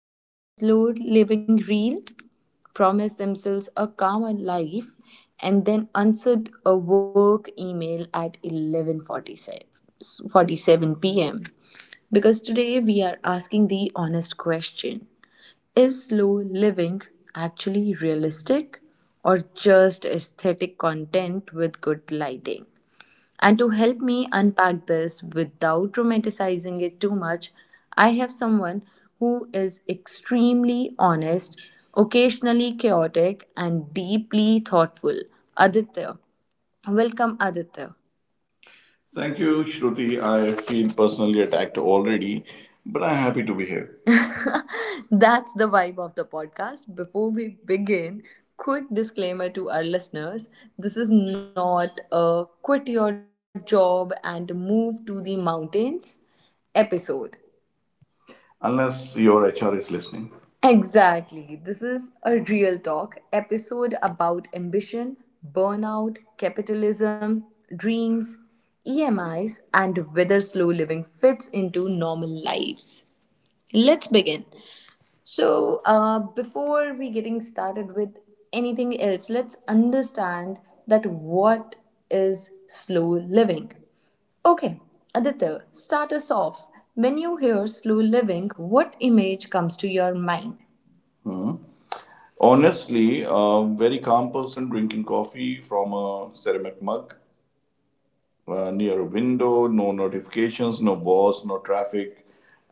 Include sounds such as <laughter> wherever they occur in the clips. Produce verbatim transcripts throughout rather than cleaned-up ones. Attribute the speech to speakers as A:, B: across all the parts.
A: saved a slow living reel, promise themselves a calmer life, and then answered a work email at eleven forty-seven p m Because today we are asking the honest question: is slow living actually realistic or just aesthetic content with good lighting? And to help me unpack this without romanticizing it too much, I have someone who is extremely honest, occasionally chaotic, and deeply thoughtful, Aditya. Welcome, Aditya. Thank you, Shruti. I feel personally attacked already, but I'm happy to be here. That's the vibe of the podcast. Before we begin, quick disclaimer to our listeners: this is not a quit your job and move to the mountains episode. Unless your H R is listening. Exactly. This is a real talk episode about ambition, burnout, capitalism, dreams, E M Is, and whether slow living fits into normal lives. Let's begin. So, uh, before we getting started with anything else, let's understand that what is slow living. Okay, Aditya, start us off. When you hear slow living, what image comes to your mind? Hmm. Honestly, a very calm person drinking coffee from a ceramic mug uh, near a window, no notifications, no boss, no traffic,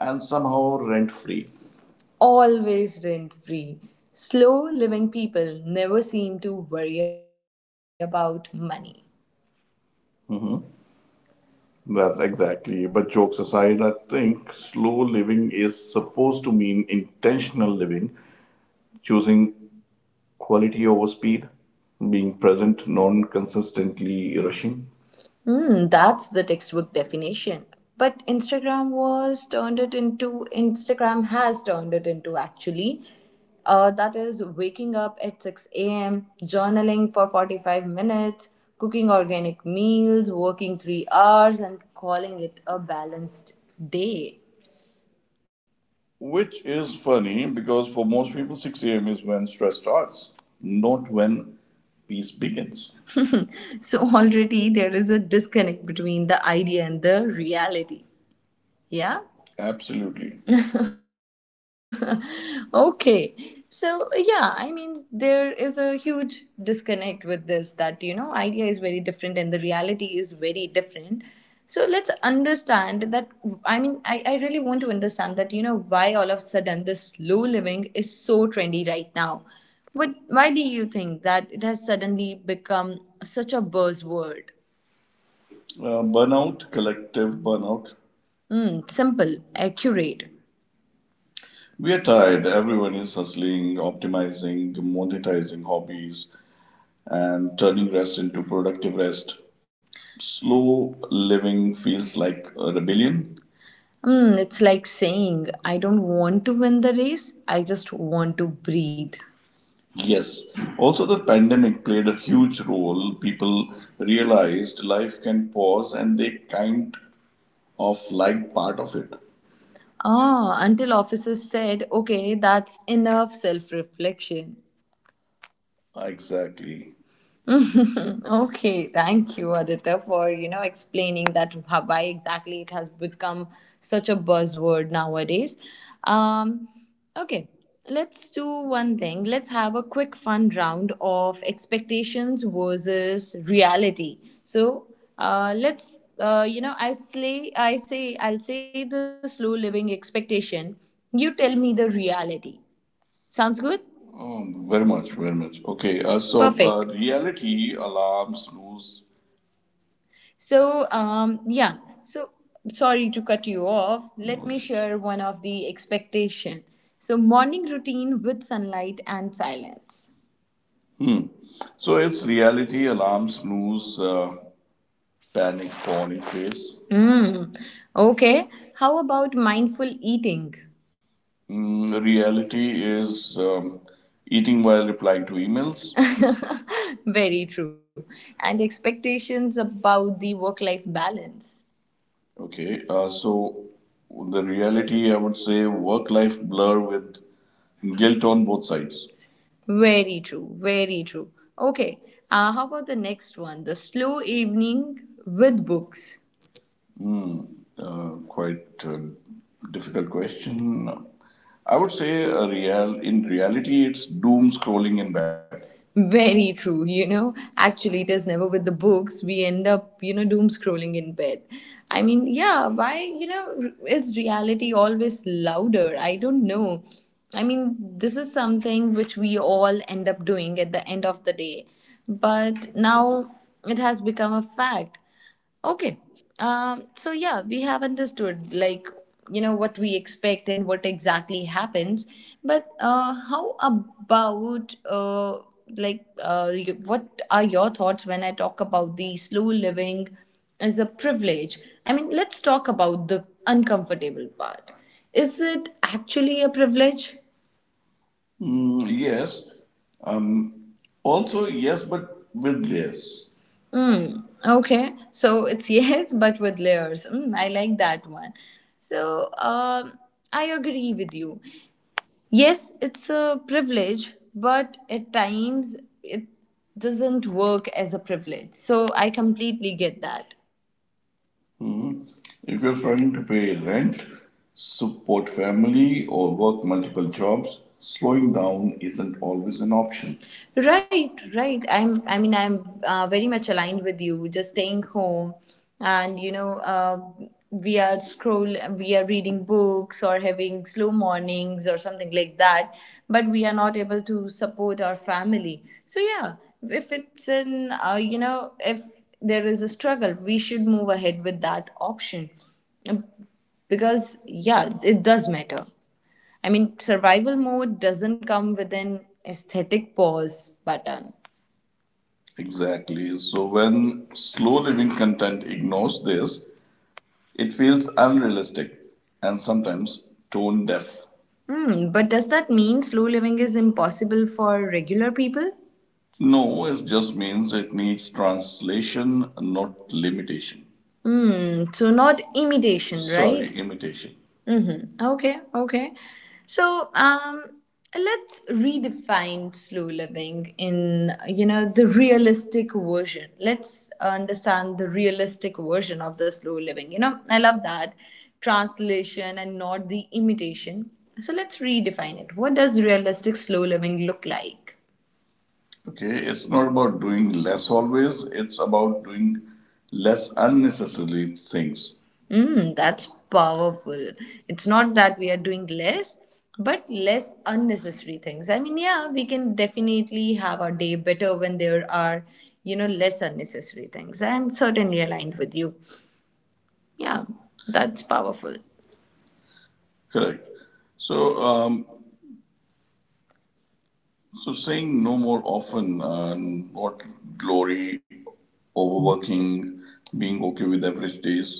A: and somehow rent free. Always rent free. Slow living people never seem to worry about money. That's exactly. But jokes aside, I think slow living is supposed to mean intentional living, choosing quality over speed, being present, non consistently rushing. Mm, that's the textbook definition. But Instagram was turned it into, Instagram has turned it into, actually, Uh, that is waking up at six a m, journaling for forty-five minutes, cooking organic meals, working three hours, and calling it a balanced day. Which is funny because for most people, six a m is when stress starts, not when peace begins. So already there is a disconnect between the idea and the reality. Yeah. Absolutely. <laughs> Okay. So, yeah, I mean, there is a huge disconnect with this that, you know, idea is very different and the reality is very different. So, let's understand that. I mean, I, I really want to understand that, you know, why all of a sudden this slow living is so trendy right now. What, why do you think that it has suddenly become such a buzzword? Uh, burnout, collective burnout. Mm, simple, accurate. We are tired. Everyone is hustling, optimizing, monetizing hobbies, and turning rest into productive rest. Slow living feels like a rebellion. Mm, it's like saying, I don't want to win the race, I just want to breathe. Yes. Also, the pandemic played a huge role. People realized life can pause and they kind of liked part of it. Ah, until officers said, okay, that's enough self reflection. Exactly. <laughs> Okay, thank you, Aditya, for you know explaining that how, why exactly it has become such a buzzword nowadays. Um, okay, let's do one thing. Let's have a quick fun round of expectations versus reality. So, uh, let's uh, you know, I'll say I say I'll say the slow living expectation. You tell me the reality. Sounds good? Um, very much, very much. Okay, uh, so Perfect. uh, reality, alarm, snooze. So, um, yeah. So, sorry to cut you off. Let No. me share one of the expectation. So, morning routine with sunlight and silence. Hmm. So it's reality, alarm, snooze, uh, panic, corn in face. Hmm. Okay. How about mindful eating? Mm, reality is um, eating while replying to emails. <laughs> Very true. And expectations about the work life balance. Okay, uh, so the reality, I would say, work life blur with guilt on both sides. Very true. Very true. Okay. Uh, how about the next one? The slow evening with books. Mm, Uh, quite a difficult question. I would say a real in reality it's doom scrolling in bed. Very true. You know, actually, it is never with the books. We end up, you know, doom scrolling in bed. I mean, yeah, why, you know, r- is reality always louder? I don't know. I mean, this is something which we all end up doing at the end of the day. But now it has become a fact. Okay. Um, so yeah, we have understood like you know what we expect and what exactly happens. But uh, how about uh, like uh, you, what are your thoughts when I talk about the slow living as a privilege? I mean, let's talk about the uncomfortable part. Is it actually a privilege? Mm, yes. Um, also, yes, but with layers. Mm, okay. So it's <laughs> yes, but with layers. Mm, I like that one. So um, I agree with you. Yes, it's a privilege, but at times it doesn't work as a privilege. So I completely get that. Mm-hmm. If you're trying to pay rent, support family, or work multiple jobs, slowing down isn't always an option. Right, right. I'm. I mean, I'm uh, very much aligned with you. Just staying home, and you know, uh, we are scroll, we are reading books or having slow mornings or something like that. But we are not able to support our family. So yeah, if it's an, uh, you know, if there is a struggle, we should move ahead with that option. Um, because yeah, it does matter. I mean, survival mode doesn't come with an aesthetic pause button. Exactly. So when slow living content ignores this, it feels unrealistic and sometimes tone deaf. Hmm, but does that mean slow living is impossible for regular people? No, it just means it needs translation, not limitation. Mm, so not imitation, Sorry, right? imitation. Mm-hmm. Okay, okay. So, um, let's redefine slow living in, you know, the realistic version. Let's understand the realistic version of the slow living. You know, I love that translation and not the imitation. So let's redefine it. What does realistic slow living look like? Okay, it's not about doing less always, it's about doing less unnecessary things. Mm, that's powerful. It's not that we are doing less, but less unnecessary things. I mean, yeah, we can definitely have our day better when there are, you know, less unnecessary things. I'm certainly aligned with you. Yeah, that's powerful. Correct. So, um, So saying no more often, uh, not glory, overworking, being okay with average days.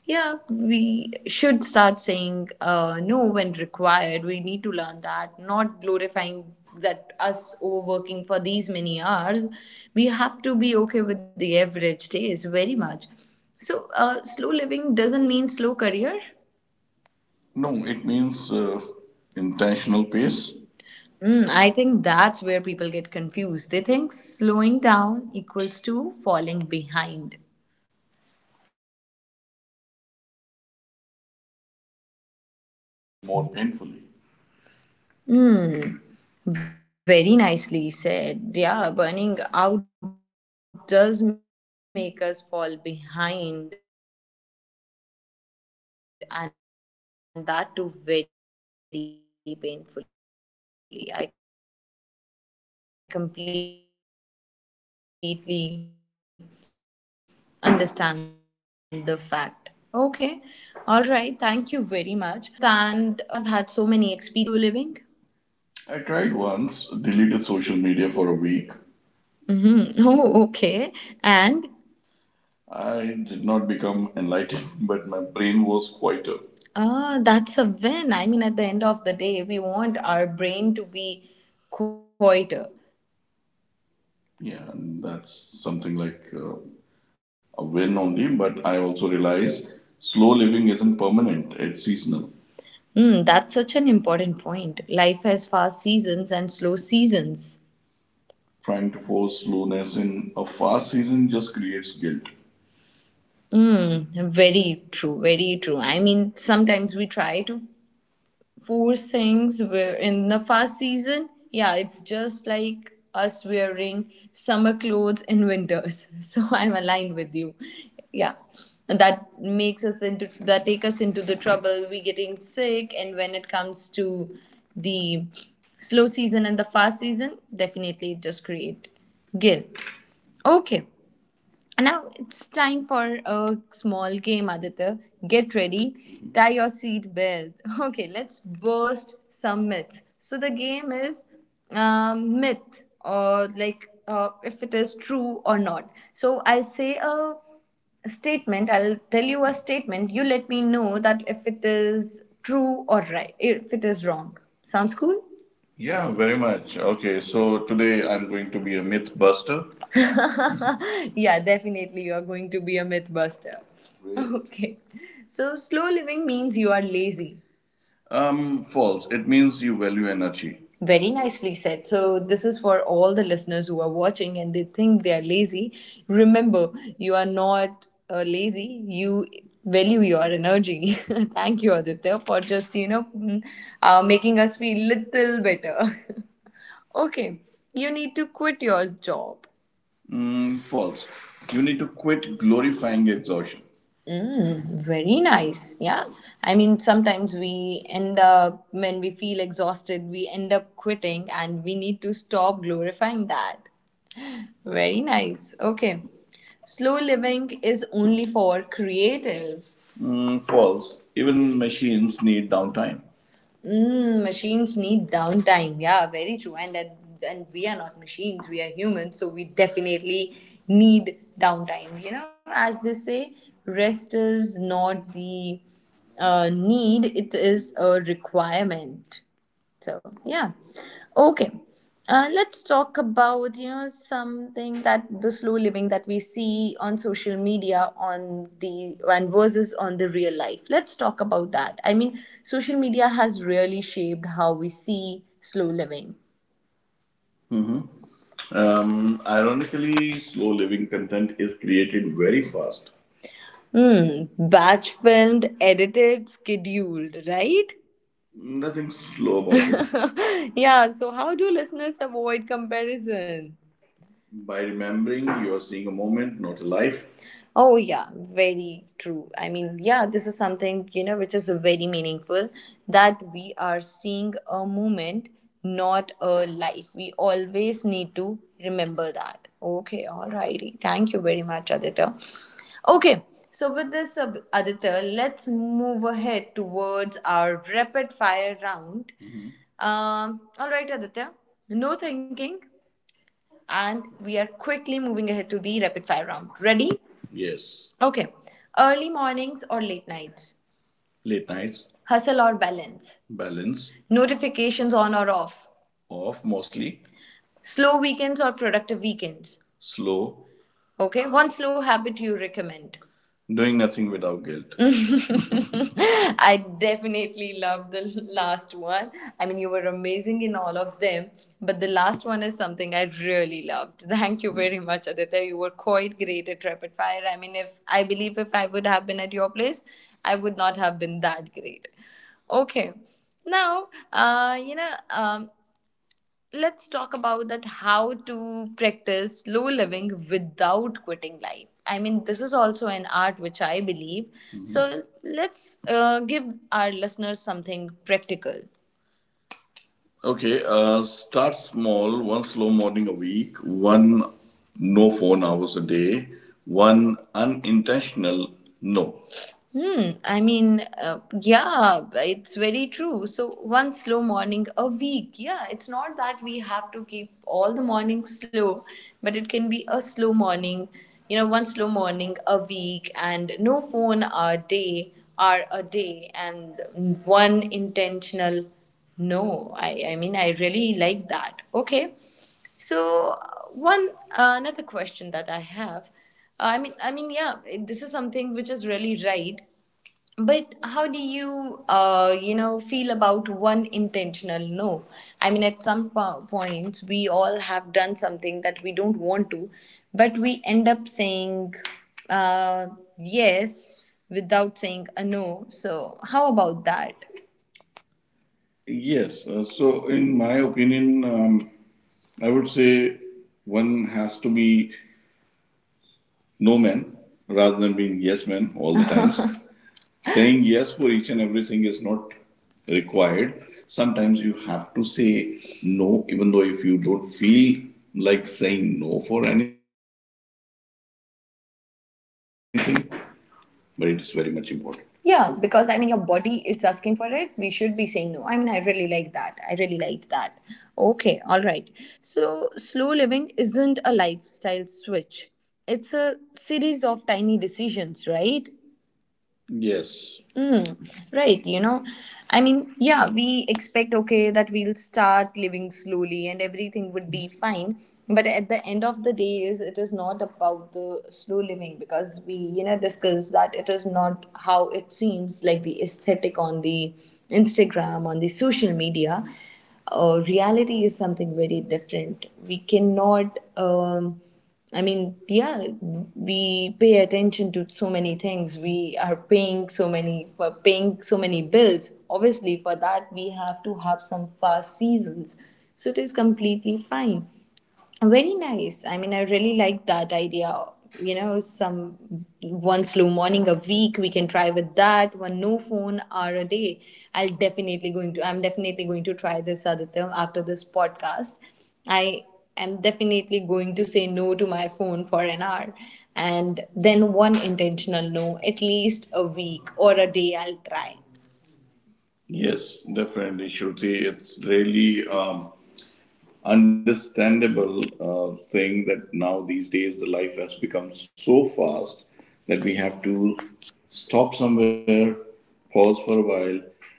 A: Yeah, we should start saying uh, no when required. We need to learn that, not glorifying that us overworking for these many hours. We have to be okay with the average days very much. So, uh, slow living doesn't mean slow career. No, it means uh, intentional pace. Mm, I think that's where people get confused. They think slowing down equals to falling behind.
B: More painfully. Hmm. Very nicely said. Yeah, burning out does make us fall behind, and that too very painfully. I completely understand the fact. Okay, all right. Thank you very much uh, for you know sharing such beautiful thoughts. Let's understand uh, personal experiences. I mean, uh, we have had so many experiences. Let's talk about them. Have you ever tried slow living? I tried once, deleted social media for a week. Hmm. Oh, okay. And I did not become enlightened, <laughs> but my brain was quieter. Ah, that's a win. I mean, at the end of the day, we want our brain to be quieter. Yeah, and that's something like uh, a win only, but I also realize slow living isn't permanent, it's seasonal. Mm, that's such an important point. Life has fast seasons and slow seasons. Trying to force slowness in a fast season just creates guilt. Mm, very true, very true. I mean, sometimes we try to force things where in the fast season, yeah, it's just like us wearing summer clothes in winters. <laughs> So I'm aligned with you. Yeah. And that makes us into that take us into the trouble we getting sick, and when it comes to the slow season and the fast season, definitely it just create guilt. Okay. Now it's time for a small game, Aditya. Get ready, tie your seat belt. <laughs> Okay, let's burst some myths. So the game is um, myth or like uh, if it is true or not. So I'll say a statement. I'll tell you a statement. You let me know that if it is true or right, if it is wrong. Sounds cool? Yeah, very much. Okay, so today I'm going to be a myth buster. <laughs> Yeah, definitely you are going to be a myth buster. Great. Okay. So slow living means you are lazy. Um, false. It means you value energy. Very nicely said. So, this is for all the listeners who are watching and they think they are lazy. Remember, you are not uh, lazy, you value your energy. <laughs> Thank you, Aditya, for just, you know, mm, uh, making us feel little better. <laughs> Okay, you need to quit your job. Mm, false. You need to quit glorifying exhaustion. Mm, very nice. Yeah. I mean, sometimes we end up, when we feel exhausted, we end up quitting, and we need to stop glorifying that. Very nice. Okay. Slow living is only for creatives. Mm, false. Even machines need downtime. Mm, machines need downtime. Yeah, very true. And and and we are not machines. We are humans, so we definitely need downtime. You know, as they say, rest is not the uh, need; it is a requirement. So, yeah. Okay. Uh, let's talk about you know something that the slow living that we see on social media on the and versus on the real life. Let's talk about that. I mean, social media has really shaped how we see slow living. Um, ironically, slow living content is created very fast. Hmm. Batch filmed, edited, scheduled, right? Nothing slow about it. Yeah, so how do listeners avoid comparison? By remembering you're seeing a moment, not a life. Oh, yeah, very true. I mean, yeah, this is something, you know, which is very meaningful, that we are seeing a moment, not a life. We always need to remember that. Okay, alrighty. Thank you very much, Aditya. Okay, so with this, uh, Aditya, let's move ahead towards our rapid fire round. Mhm. Um, all right, Aditya, no thinking, and we are quickly moving ahead to the rapid fire round. Ready? Yes. Okay. Early mornings or late nights? Late nights. Hustle or balance? Balance. Notifications on or off? Off mostly. Slow weekends or productive weekends? Slow. Okay. One slow habit you recommend? Doing nothing without guilt. <laughs> I definitely love the last one. I mean, you were amazing in all of them, but the last one is something I really loved. <laughs> Thank you very much, Aditya. You were quite great at rapid fire. I mean, if I believe if I would have been at your place, I would not have been that great. Okay. Now, uh, you know, um, let's talk about that, how to practice slow living without quitting life. I mean, this is also an art, which I believe. Mhm. So let's uh, give our listeners something practical. Okay, uh, start small, one slow morning a week, one no phone hours a day, one unintentional no. Hmm, I mean, uh, yeah, it's very true. So, one slow morning a week. Yeah, it's not that we have to keep all the mornings slow, but it can be a slow morning, you know, one slow morning a week, and no phone a day or a day, and one intentional no. I, I mean, I really like that. Okay. So uh, one uh, another question that I have, I mean, I mean, yeah, it- this is something which is really right. But how do you, uh, you know, feel about one intentional no? I mean, at some po- point, we all have done something that we don't want to, but we end up saying uh, yes without saying a no. So how about that? Yes. Uh, so, in my opinion, um, I would say one has to be no man rather than being yes man all the times. <laughs> Saying yes for each and everything is not required. Sometimes you have to say no, even though if you don't feel like saying no for anything, but it is very much important. Yeah, because I mean, your body is asking for it. We should be saying no. I mean, I really like that. I really like that. Okay, all right. So, slow living isn't a lifestyle switch, it's a series of tiny decisions, right? Yes. Mm, right, you know, I mean, yeah, we expect, okay, that we'll start living slowly and everything would be fine. But at the end of the day, is it is not about the slow living, because we, you know, discuss that it is not how it seems like the aesthetic on the Instagram, on the social media. Uh, reality is something very different. We cannot. Um, I mean, yeah, we pay attention to so many things. We are paying so many for paying so many bills. Obviously, for that we have to have some fast seasons. So it is completely fine. Very nice. I mean, I really like that idea. You know, some one slow morning a week we can try with that. One no phone hour a day. I'll definitely going to. I'm definitely going to try this, Aditya, after this podcast. I am definitely going to say no to my phone for an hour, and then one intentional no at least a week or a day. I'll try. Yes, definitely, Shruti. It's really um, understandable uh, thing that now these days the life has become so fast that we have to stop somewhere, pause for a while,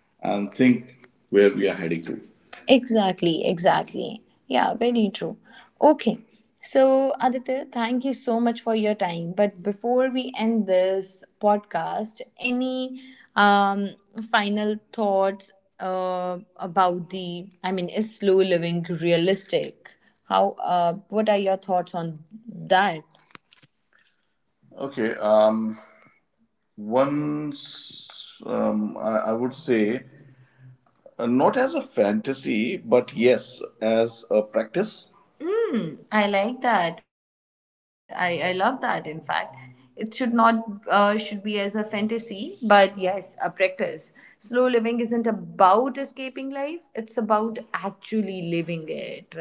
B: and think where we are heading to. Exactly, exactly. Yeah, very true. Okay. So, Aditya, thank you so much for your time. But before we end this podcast, any um, final thoughts uh, about the, I mean, is slow living realistic? How, uh, what are your thoughts on that? Okay. Um. Once. Um. I, I would say. Uh, Not as a fantasy, but yes, as a practice. I like that. I, I love that. In fact, it should not uh, should be as a fantasy, but yes, a practice. Slow living isn't about escaping life; it's about actually living it, right?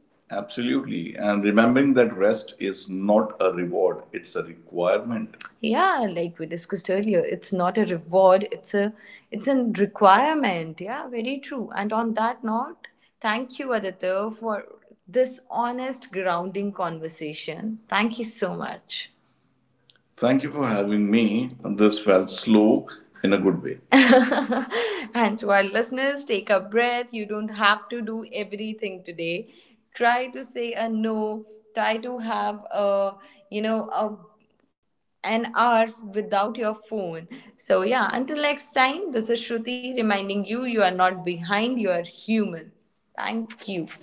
B: Absolutely. And remembering that rest is not a reward, it's a requirement. Yeah, like we discussed earlier, it's not a reward, it's a it's a requirement. Yeah, very true. And on that note, thank you, Aditya, for this honest grounding conversation. Thank you so much. Thank you for having me. This felt slow in a good way. <laughs> And to our listeners, take a breath. You don't have to do everything today. Try to say a no. Try to have a, you know, a an hour without your phone. So, yeah, until next time, this is Shruti reminding you you are not behind, you are human. Thank you.